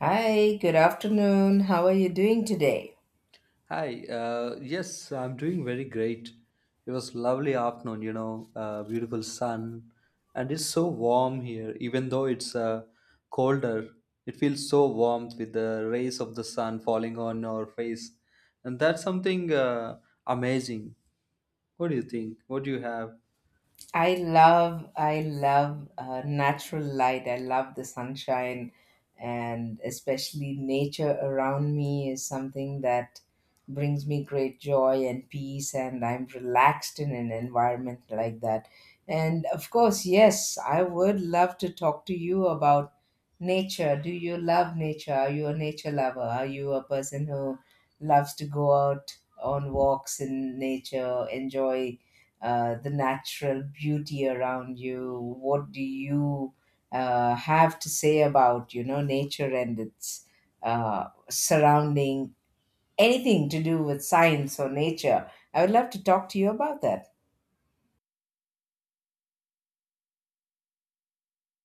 Hi, good afternoon. How are you doing today? Hi, yes, I'm doing very great. It was lovely afternoon, beautiful sun, and it's so warm here. Even though it's colder, it feels so warm with the rays of the sun falling on our face, and that's something amazing. What do you think? What do you have? I love natural light. I love the sunshine, and especially nature around me is something that brings me great joy and peace, and I'm relaxed in an environment like that. And of course, yes, I would love to talk to you about nature. Do you love nature? Are you a nature lover? Are you a person who loves to go out on walks in nature, enjoy the natural beauty around you? What do you have to say about nature and its surrounding? Anything to do with science or nature? I would love to talk to you about that.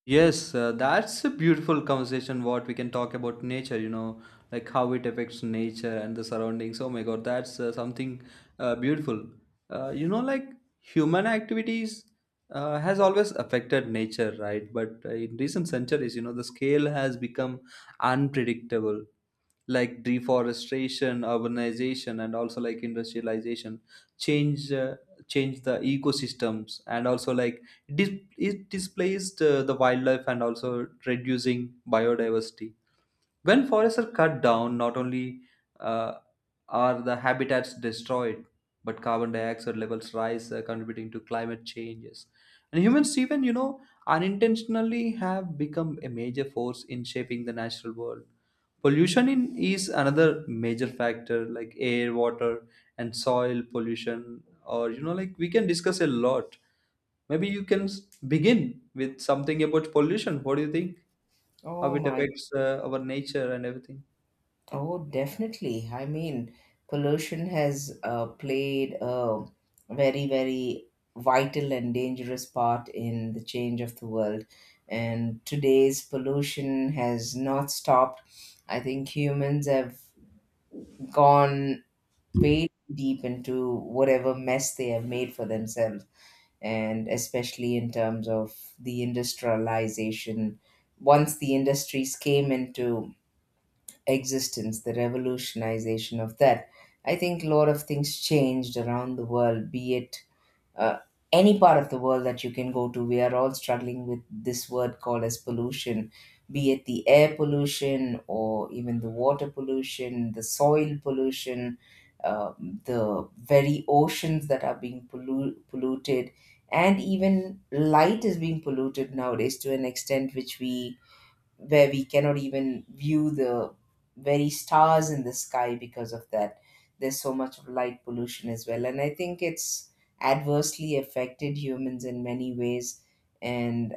Yes, that's a beautiful conversation. What we can talk about nature, you know, like how it affects nature and the surroundings. Oh my God, that's something beautiful. Like human activities has always affected nature, right? But in recent centuries, you know, the scale has become unpredictable, like deforestation, urbanization, and also like industrialization change uh, change the ecosystems, and also like it displaced the wildlife, and also reducing biodiversity. When forests are cut down, not only uh, are the habitats destroyed, but carbon dioxide levels rise, contributing to climate changes. And humans, even you know, unintentionally have become a major force in shaping the natural world. Pollution in, is another major factor, like air, water, and soil pollution. Or you know, like we can discuss a lot. Maybe begin with something about pollution. What do you think? How Oh it my affects our nature and everything. Oh, definitely. I mean, pollution has played a very, very vital and dangerous part in the change of the world. And today's pollution has not stopped. I think humans have gone way deep into whatever mess they have made for themselves, and especially in terms of the industrialization. Once the industries came into existence, the revolutionization of that. I think a lot of things changed around the world, be it uh, any part of the world that you can go to. We are all struggling with this word called as pollution, be it the air pollution or even the water pollution, the soil pollution, uh, the very oceans that are being polluted. And even light is being polluted nowadays to an extent which we where we cannot even view the very stars in the sky because of that there's so much of light pollution as well. And I think it's adversely affected humans in many ways. And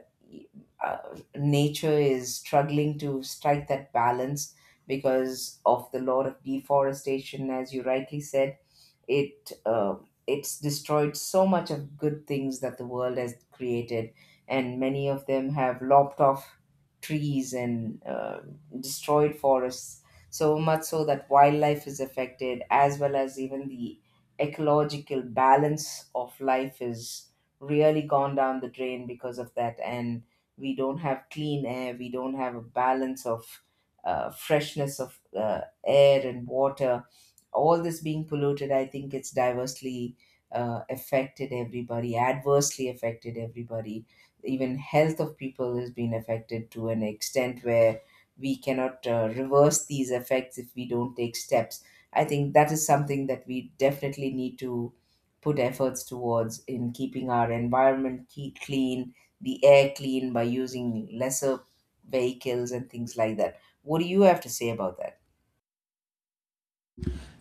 uh, nature is struggling to strike that balance because of the law of deforestation, as you rightly said, it uh, it's destroyed so much of good things that the world has created, and many of them have lopped off trees and destroyed forests, so much so that wildlife is affected, as well as even the ecological balance of life is really gone down the drain because of that. And we don't have clean air, we don't have a balance of freshness of air and water. All this being polluted, I think it's diversely affected everybody, adversely affected everybody. Even health of people has been affected to an extent where we cannot reverse these effects if we don't take steps. I think that is something that we definitely need to put efforts towards in keeping our environment clean, the air clean by using lesser vehicles and things like that. What do you have to say about that?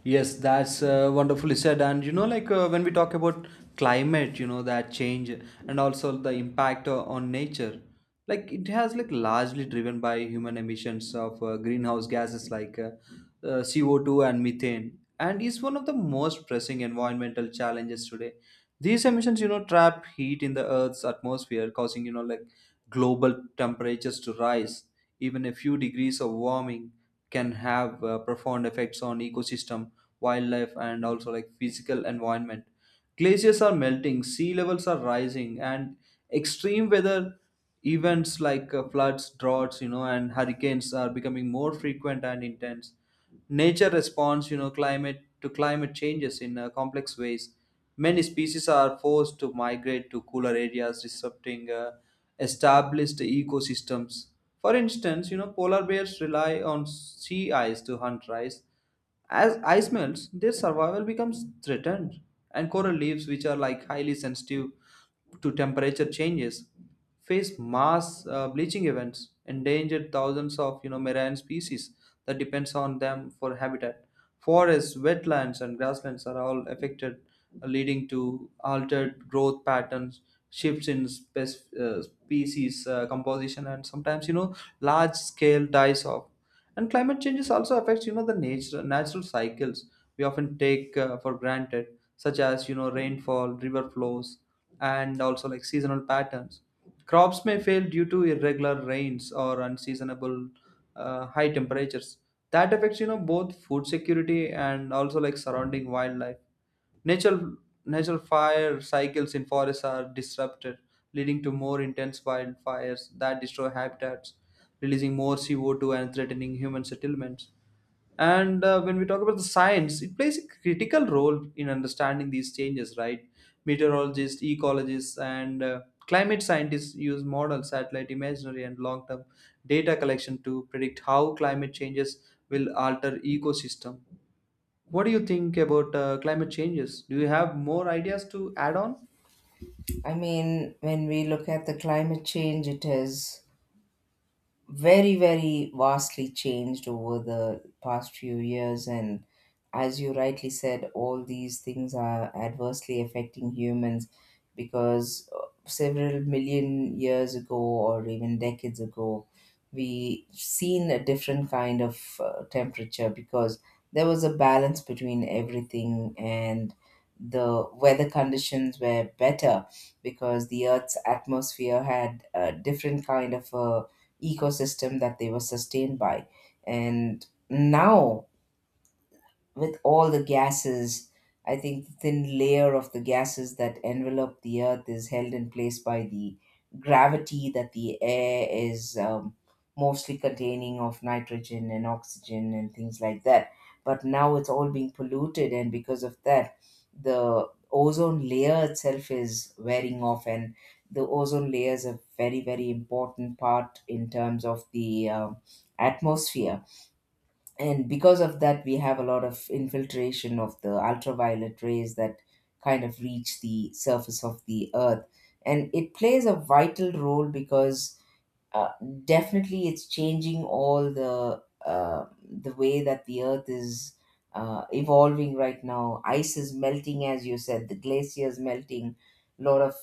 Yes, that's wonderfully said. And you know, like when we talk about climate, you know, that change and also the impact on nature, like it has like largely driven by human emissions of greenhouse gases like CO2 and methane, and is one of the most pressing environmental challenges today. These emissions, you know, trap heat in the Earth's atmosphere, causing you know like global temperatures to rise. Even a few degrees of warming can have profound effects on ecosystem, wildlife, and also like physical environment. Glaciers are melting, sea levels are rising, and extreme weather events like floods, droughts, you know, and hurricanes are becoming more frequent and intense. Nature responds, you know, climate to climate changes in complex ways. Many species are forced to migrate to cooler areas, disrupting established ecosystems. For instance, you know, polar bears rely on sea ice to hunt rice. As ice melts, their survival becomes threatened, and coral reefs, which are like highly sensitive to temperature changes, face mass bleaching events, endangered thousands of you know marine species that depends on them for habitat. Forests, wetlands, and grasslands are all affected, leading to altered growth patterns, shifts in species composition, and sometimes you know large scale dies off. And climate changes also affects you know the nature natural cycles we often take for granted, such as you know rainfall, river flows, and also like seasonal patterns. Crops may fail due to irregular rains or unseasonable high temperatures. That affects you know both food security and also like surrounding wildlife. Natural natural fire cycles in forests are disrupted, leading to more intense wildfires that destroy habitats, releasing more CO2 and threatening human settlements. And when we talk about the science, it plays a critical role in understanding these changes, right? Meteorologists, ecologists, and climate scientists use model, satellite imagery, and long term data collection to predict how climate changes will alter ecosystem. What do you think about climate changes? Do you have more ideas to add on? I mean, when we look at the climate change, it is very very vastly changed over the past few years. And as you rightly said, all these things are adversely affecting humans because several million years ago or even decades ago we seen a different kind of temperature because there was a balance between everything, and the weather conditions were better because the earth's atmosphere had a different kind of a ecosystem that they were sustained by. And now with all the gases. I think the thin layer of the gases that envelop the earth is held in place by the gravity, that the air is mostly containing of nitrogen and oxygen and things like that. But now it's all being polluted, and because of that, the ozone layer itself is wearing off, and the ozone layer is a very, very important part in terms of the atmosphere. And because of that we have a lot of infiltration of the ultraviolet rays that kind of reach the surface of the earth. And it plays a vital role because uh, definitely it's changing all the way that the earth is evolving right now. Ice is melting, as you said, the glaciers melting. A lot of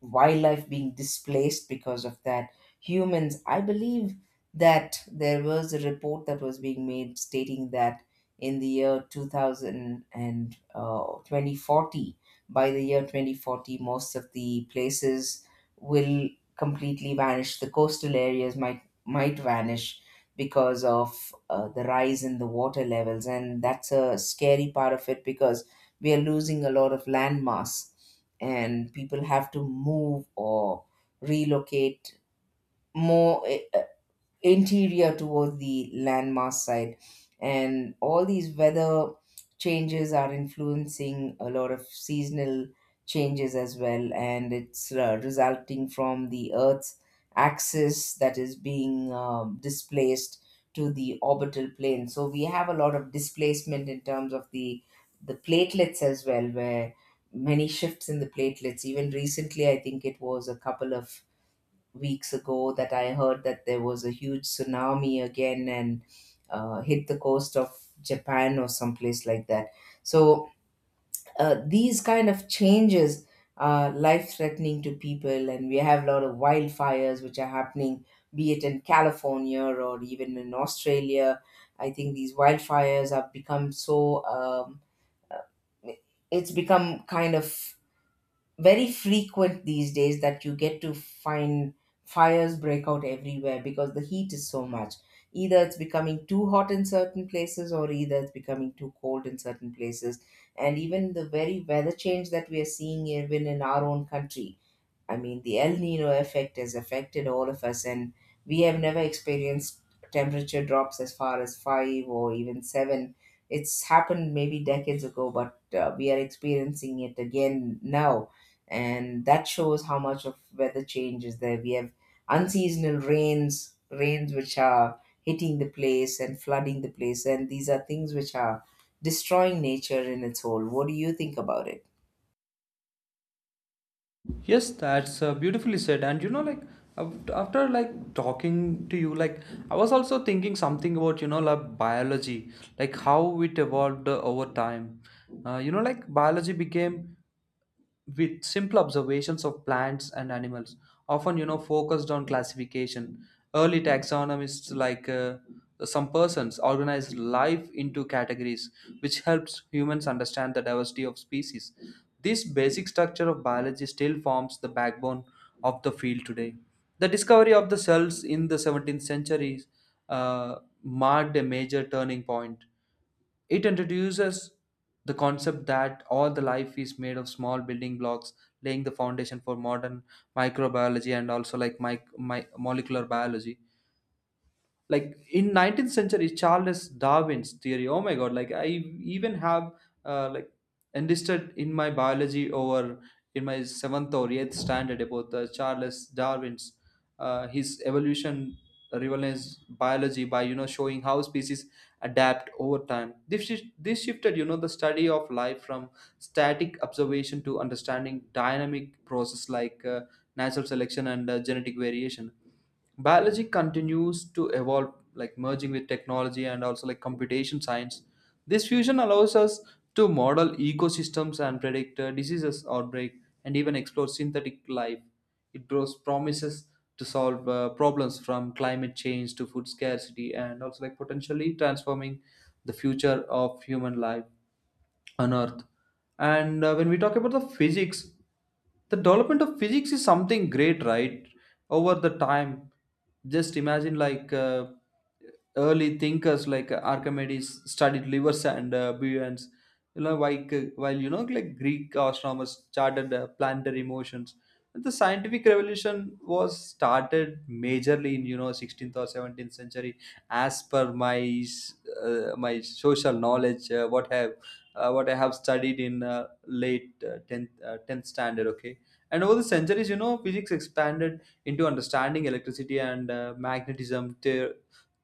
wildlife being displaced because of that. Humans, I believe that there was a report that was being made stating that in the year 2000 and 2040, by the year 2040, most of the places will completely vanish. The coastal areas might vanish because of the rise in the water levels, and that's a scary part of it because we are losing a lot of land mass and people have to move or relocate more interior towards the landmass side. And all these weather changes are influencing a lot of seasonal changes as well, and it's resulting from the earth's axis that is being displaced to the orbital plane. So we have a lot of displacement in terms of the platelets as well, where many shifts in the platelets. Even recently, I think it was a couple of weeks ago that I heard that there was a huge tsunami again and hit the coast of Japan or someplace like that. So these kind of changes are life threatening to people, and we have a lot of wildfires which are happening, be it in California or even in Australia. I think these wildfires have become so. Uh, it's become kind of very frequent these days that you get to find fires break out everywhere because the heat is so much. Either it's becoming too hot in certain places, or either it's becoming too cold in certain places. And even the very weather change that we are seeing, even in our own country, I mean, the El Nino effect has affected all of us, and we have never experienced temperature drops as far as five or even seven. It's happened maybe decades ago, but we are experiencing it again now. And that shows how much of weather change is there. We have unseasonal rains, rains which are hitting the place and flooding the place. And these are things which are destroying nature in its whole. What do you think about it? Yes, that's beautifully said. And you know, like after like talking to you, like I was also thinking something about you know like biology, like how it evolved over time. Like biology became with simple observations of plants and animals, often you know focused on classification. Early taxonomists like some persons organized life into categories, which helps humans understand the diversity of species. This basic structure of biology still forms the backbone of the field today. The discovery of the cells in the 17th century uh, marked a major turning point. It introduces the concept that all the life is made of small building blocks, laying the foundation for modern microbiology, and also like my molecular biology. Like in 19th century, Charles Darwin's theory, oh my God, like I even have like enlisted in my biology over in my seventh or eighth standard about the Charles Darwin's his evolution revolutionized biology by you know showing how species adapt over time. This shifted you know the study of life from static observation to understanding dynamic process like natural selection and genetic variation. Biology continues to evolve, like merging with technology and also like computation science. This fusion allows us to model ecosystems and predict diseases outbreak and even explore synthetic life. It draws promises to solve problems from climate change to food scarcity, and also like potentially transforming the future of human life on earth. And when we talk about the physics, the development of physics is something great, right? Over the time, just imagine like early thinkers like Archimedes studied livers and buoyants, you know, like while you know like Greek astronomers charted planetary motions, and the scientific revolution was started majorly in you know 16th or 17th century, as per my my social knowledge, what have what I have studied in late 10th standard. Okay. And over the centuries, you know, physics expanded into understanding electricity and magnetism,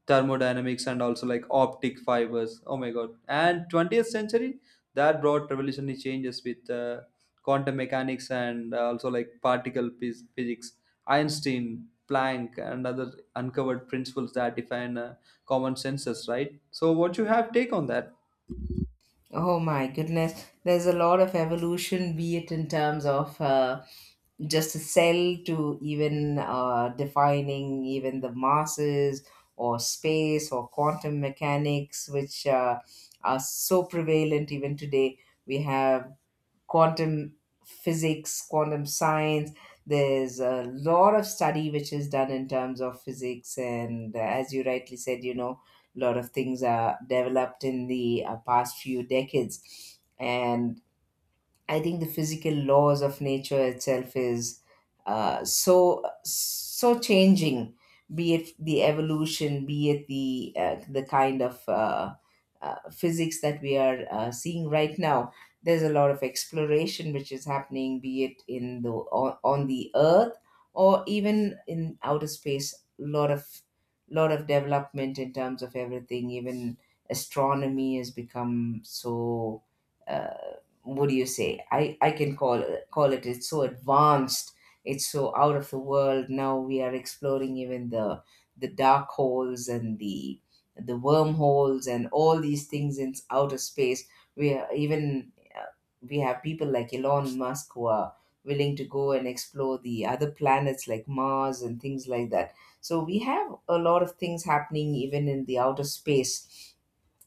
thermodynamics, and also like optic fibers. Oh my God. And 20th century, that brought revolutionary changes with quantum mechanics and also like particle physics. Einstein, Planck, and other uncovered principles that define common senses, right? So, what you have take on that? Oh my goodness, there's a lot of evolution, be it in terms of just a cell to even defining even the masses or space or quantum mechanics, which are so prevalent even today. We have quantum physics, quantum science. There's a lot of study which is done in terms of physics, and as you rightly said, lot of things are developed in the past few decades. And I think the physical laws of nature itself is so so changing, be it the evolution, be it the kind of physics that we are seeing right now. There's a lot of exploration which is happening, be it in on the Earth or even in outer space. Lot of development in terms of everything. Even astronomy has become so uh, what do you say, I can call it, it's so advanced. It's so out of the world. Now we are exploring even the dark holes and the wormholes and all these things in outer space. We are even We have people like Elon Musk who are willing to go and explore the other planets like Mars and things like that. So we have a lot of things happening even in the outer space,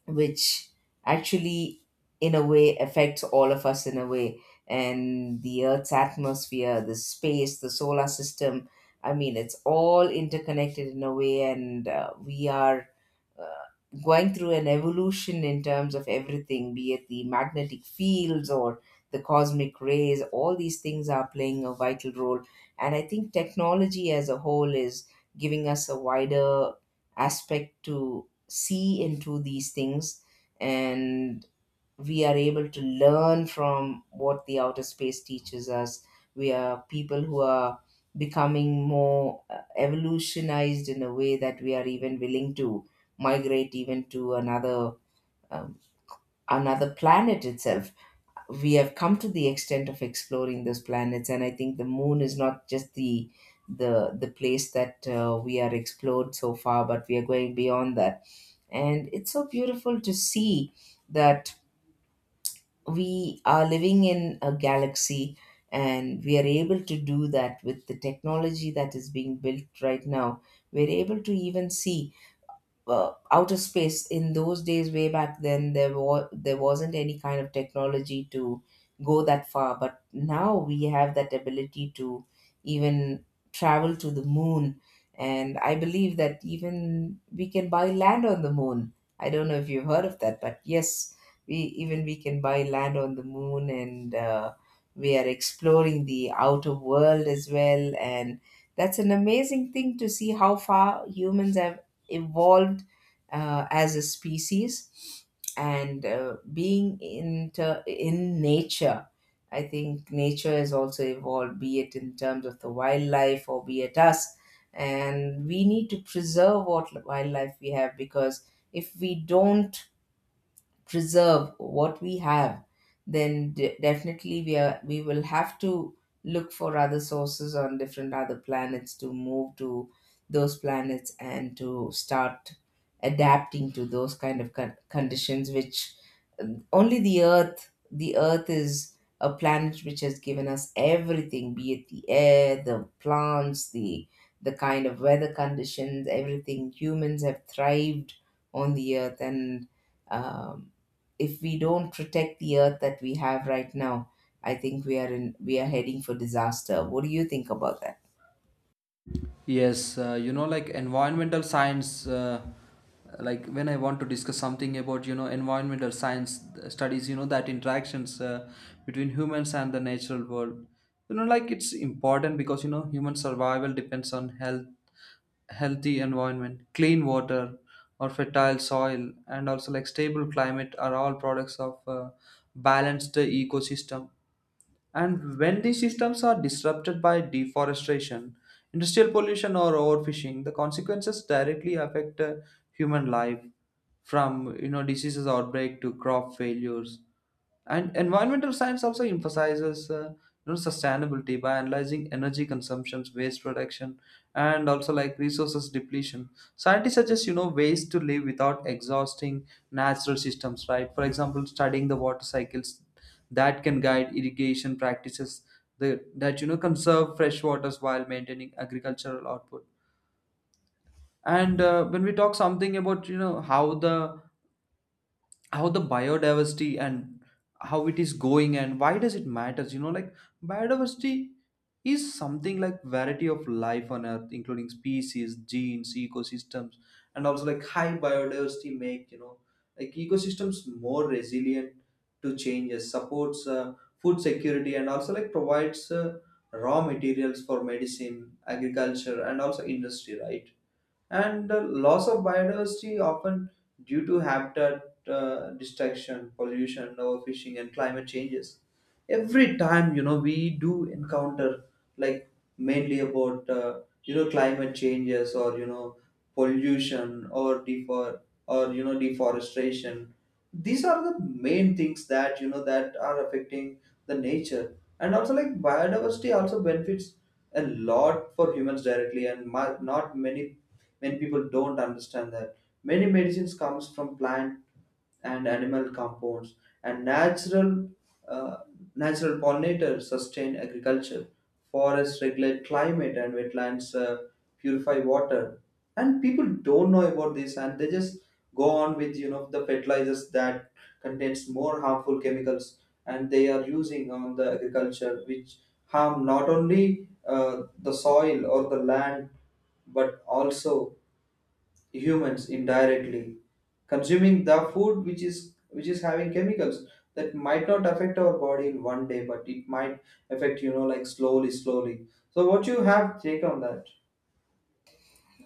which actually in a way affects all of us in a way. And the earth's atmosphere, the space, the solar system, I mean, it's all interconnected in a way. And we are uh, going through an evolution in terms of everything, be it the magnetic fields or the cosmic rays. All these things are playing a vital role. And I think technology as a whole is giving us a wider aspect to see into these things. And we are able to learn from what the outer space teaches us. We are people who are becoming more evolutionized in a way that we are even willing to migrate even to another um, another planet itself. We have come to the extent of exploring those planets, and I think the moon is not just the place that we are explored so far, but we are going beyond that. And it's so beautiful to see that we are living in a galaxy, and we are able to do that with the technology that is being built right now. We're able to even see outer space. In those days way back then there wasn't any kind of technology to go that far, but now we have that ability to even travel to the moon. And I believe that even we can buy land on the moon. I don't know if you've heard of that, but yes, we can buy land on the moon. And we are exploring the outer world as well, and that's an amazing thing to see how far humans have evolved, as a species. And being into in nature, I think nature has also evolved, be it in terms of the wildlife or be it us. And we need to preserve what wildlife we have, because if we don't preserve what we have, then definitely we will have to look for other sources on different other planets, to move to those planets and to start adapting to those kind of conditions. Which only the earth is a planet which has given us everything, be it the air, the plants, the kind of weather conditions. Everything humans have thrived on, the earth. And um, if we don't protect the earth that we have right now, I think we are heading for disaster. What do you think about that? Yes, you know, like environmental science, like when I want to discuss something about, you know, environmental science studies, you know, that interactions between humans and the natural world, you know, like it's important because, you know, human survival depends on healthy environment, clean water or fertile soil, and also like stable climate are all products of balanced ecosystem, and when these systems are disrupted by deforestation, industrial pollution, or overfishing, the consequences directly affect human life, from you know diseases outbreak to crop failures. And environmental science also emphasizes you know sustainability by analyzing energy consumptions, waste reduction, and also like resources depletion. Scientists suggest you know ways to live without exhausting natural systems, right? For example, studying the water cycles that can guide irrigation practices The that you know conserve fresh waters while maintaining agricultural output. And when we talk something about you know how the biodiversity and how it is going and why does it matters, you know, like biodiversity is something like variety of life on earth, including species, genes, ecosystems, and also like high biodiversity make you know like ecosystems more resilient to changes, supports food security, and also like provides raw materials for medicine, agriculture, and also industry, right? And the loss of biodiversity, often due to habitat destruction, pollution, overfishing, and climate changes. Every time you know we do encounter like mainly about you know climate changes or you know pollution or defor or you know deforestation, these are the main things that you know that are affecting the nature. And also like biodiversity also benefits a lot for humans directly, and not many many people don't understand that many medicines comes from plant and animal compounds, and uh, natural pollinators sustain agriculture, forests regulate climate, and wetlands purify water. And people don't know about this, and they just go on with you know the fertilizers that contains more harmful chemicals, and they are using on the agriculture which harm not only the soil or the land, but also humans indirectly consuming the food which is having chemicals that might not affect our body in one day, but it might affect you know like slowly, so what you have take on that.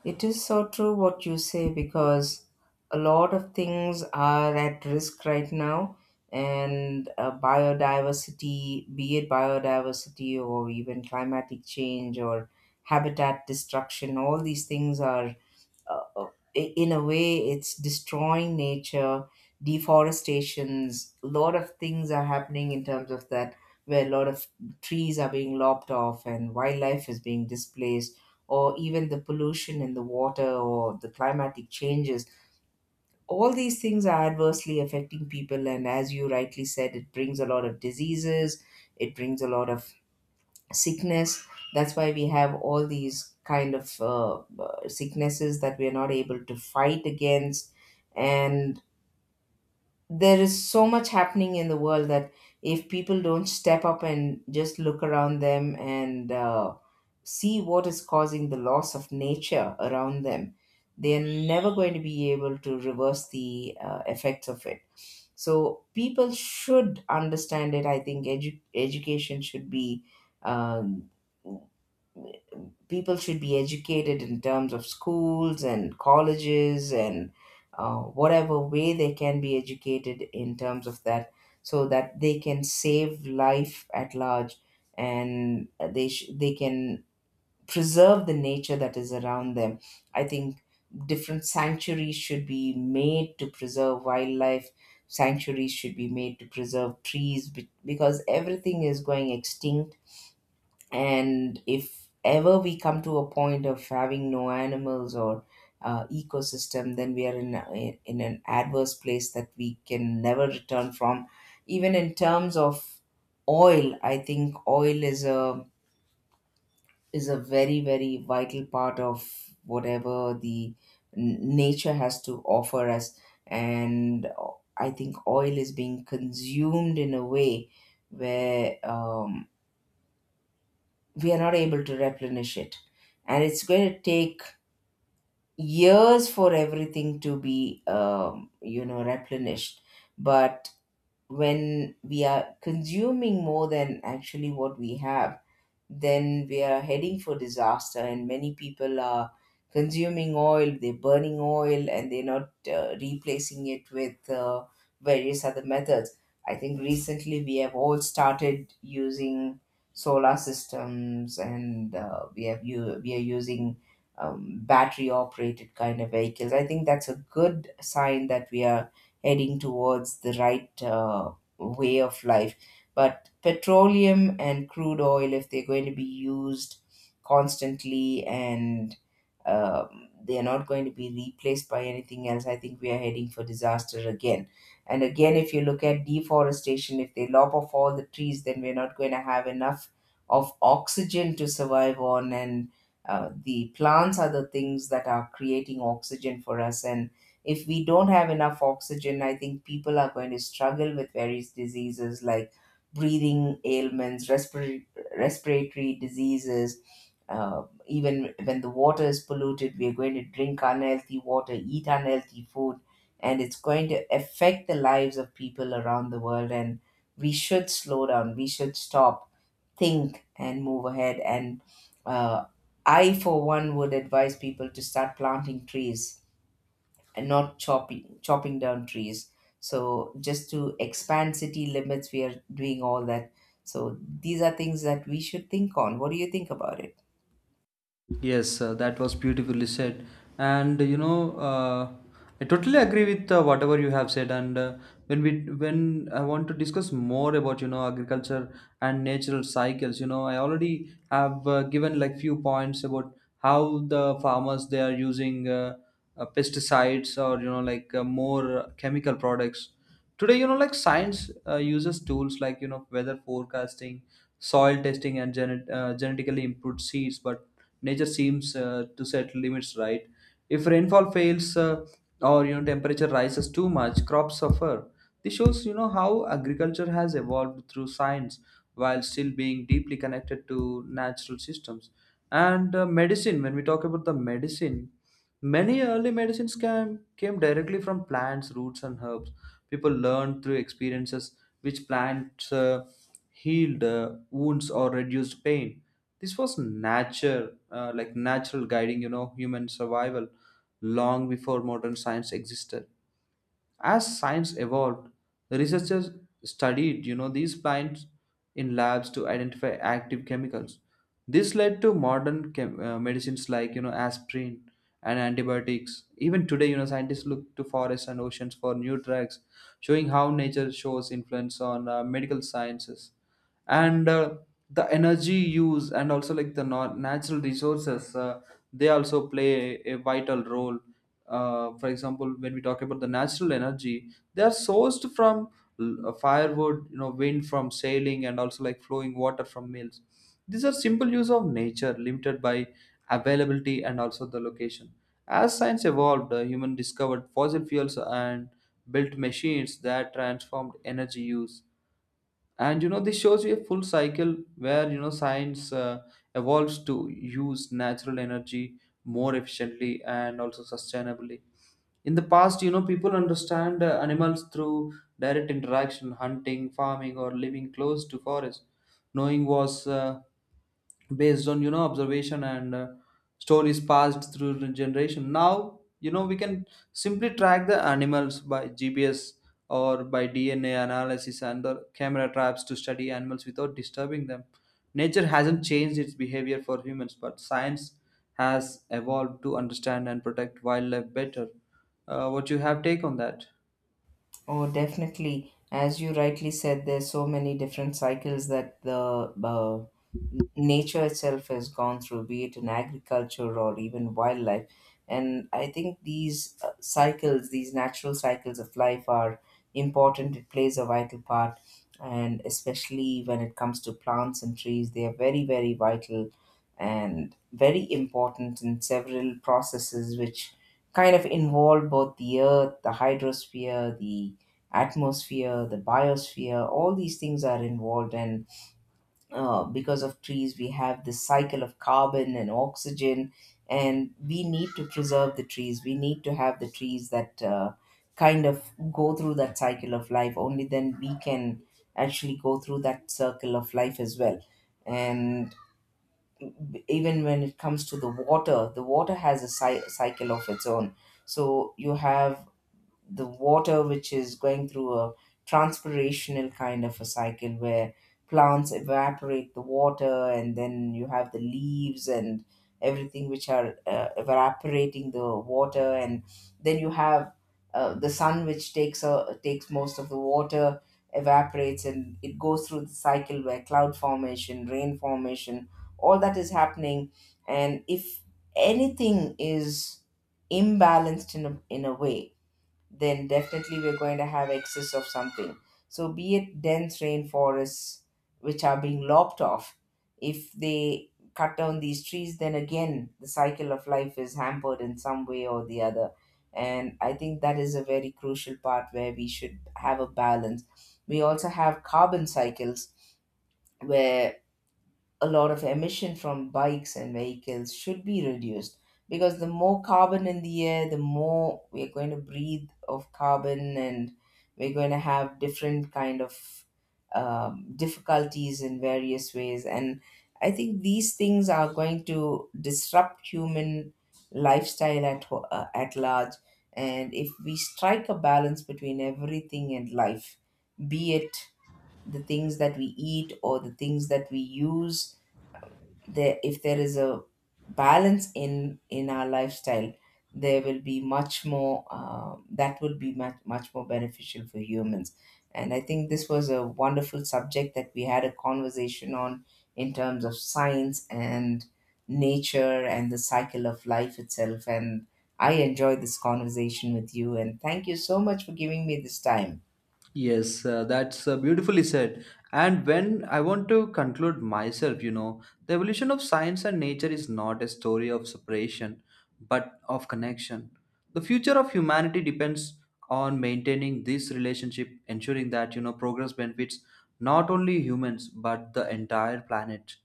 It is so true what you say, because a lot of things are at risk right now, and biodiversity, be it biodiversity or even climatic change or habitat destruction, all these things are, uh, uh, in a way, it's destroying nature. Deforestations, a lot of things are happening in terms of that, where a lot of trees are being lopped off and wildlife is being displaced, or even the pollution in the water or the climatic changes. All these things are adversely affecting people, and as you rightly said, it brings a lot of diseases, it brings a lot of sickness. That's why we have all these kind of sicknesses that we are not able to fight against. And there is so much happening in the world that if people don't step up and just look around them and see what is causing the loss of nature around them, they are never going to be able to reverse the effects of it. So people should understand it. I think education should be, um, people should be educated in terms of schools and colleges and whatever way they can be educated in terms of that, so that they can save life at large, and they can preserve the nature that is around them. I think different sanctuaries should be made to preserve wildlife. Sanctuaries should be made to preserve trees, because everything is going extinct. And if ever we come to a point of having no animals or ecosystem, then we are in, in an adverse place that we can never return from. Even in terms of oil, I think oil is a, is a very, very vital part of whatever the nature has to offer us. And I think oil is being consumed in a way where, we are not able to replenish it, and it's going to take years for everything to be, you know, replenished. But when we are consuming more than actually what we have, then we are heading for disaster. And many people are consuming oil, they're burning oil, and they're not replacing it with various other methods. I think recently we have all started using solar systems, and we have you we are using battery operated kind of vehicles. I think that's a good sign that we are heading towards the right way of life. But petroleum and crude oil, if they're going to be used constantly and they're not going to be replaced by anything else, I think we are heading for disaster again. And again, if you look at deforestation, if they lop off all the trees, then we're not going to have enough of oxygen to survive on. And the plants are the things that are creating oxygen for us. And if we don't have enough oxygen, I think people are going to struggle with various diseases like breathing ailments, respiratory, respiratory diseases. Even when the water is polluted, we are going to drink unhealthy water, eat unhealthy food, and it's going to affect the lives of people around the world. And we should slow down, we should stop, think, and move ahead. And uh, I, for one, would advise people to start planting trees and not chopping down trees, so just to expand city limits we are doing all that. So these are things that we should think on. What do you think about it? Yes, that was beautifully said. And you know, I totally agree with whatever you have said. And when I want to discuss more about you know agriculture and natural cycles, you know, I already have given like few points about how the farmers they are using pesticides or you know like more chemical products today. You know, like science uses tools like you know weather forecasting, soil testing, and genetically improved seeds, but nature seems to set limits, right? If rainfall fails, or you know temperature rises too much, crops suffer. This shows you know how agriculture has evolved through science while still being deeply connected to natural systems. And medicine, when we talk about the medicine, many early medicines came directly from plants, roots, and herbs. People learned through experiences which plants healed wounds or reduced pain. This was nature, like natural, guiding, you know, human survival long before modern science existed. As science evolved, the researchers studied, you know, these plants in labs to identify active chemicals. This led to modern medicines like, you know, aspirin and antibiotics. Even today, you know, scientists look to forests and oceans for new drugs, showing how nature shows influence on medical sciences. And the energy use and also like the natural resources, they also play a vital role. For example, when we talk about the natural energy, they are sourced from firewood, you know, wind from sailing, and also like flowing water from mills. These are simple use of nature, limited by availability and also the location. As science evolved, human discovered fossil fuels and built machines that transformed energy use. And you know this shows you a full cycle where you know science evolves to use natural energy more efficiently and also sustainably. In the past, you know, people understand animals through direct interaction, hunting, farming, or living close to forest. Knowing was based on you know observation and stories passed through the generation. Now you know we can simply track the animals by GPS or by DNA analysis and the camera traps to study animals without disturbing them. Nature hasn't changed its behavior for humans, but science has evolved to understand and protect wildlife better. What you have take on that. Oh, definitely. As you rightly said, there's so many different cycles that the nature itself has gone through, be it in agriculture or even wildlife. And I think these cycles, these natural cycles of life, are important. It plays a vital part, and especially when it comes to plants and trees, they are very, very vital and very important in several processes, which kind of involve both the earth, the hydrosphere, the atmosphere, the biosphere, all these things are involved. And because of trees, we have this cycle of carbon and oxygen. And we need to preserve the trees. We need to have the trees that kind of go through that cycle of life. Only then we can actually go through that circle of life as well. And even when it comes to the water has a cycle of its own. So you have the water which is going through a transpirational kind of a cycle, where plants evaporate the water, and then you have the leaves and everything which are evaporating the water. And then you have the sun, which takes most of the water, evaporates, and it goes through the cycle where cloud formation, rain formation, all that is happening. And if anything is imbalanced in a way, then definitely we're going to have excess of something. So, be it dense rainforests which are being lopped off, if they cut down these trees, then again the cycle of life is hampered in some way or the other. And I think that is a very crucial part where we should have a balance. We also have carbon cycles where a lot of emission from bikes and vehicles should be reduced, because the more carbon in the air, the more we're going to breathe of carbon, and we're going to have different kind of difficulties in various ways. And I think these things are going to disrupt human lifestyle at, at large. And if we strike a balance between everything in life, be it the things that we eat or the things that we use, there if there is a balance in our lifestyle, there will be much more that will be much, much more beneficial for humans. And I think this was a wonderful subject that we had a conversation on, in terms of science and nature and the cycle of life itself. And I enjoyed this conversation with you, and thank you so much for giving me this time. Yes, that's beautifully said. And when I want to conclude myself, you know, the evolution of science and nature is not a story of separation, but of connection. The future of humanity depends on maintaining this relationship, ensuring that, you know, progress benefits not only humans, but the entire planet.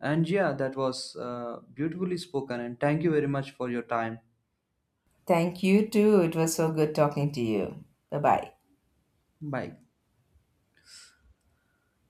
And yeah, that was beautifully spoken. And thank you very much for your time. Thank you too, it was so good talking to you. Bye bye. Bye.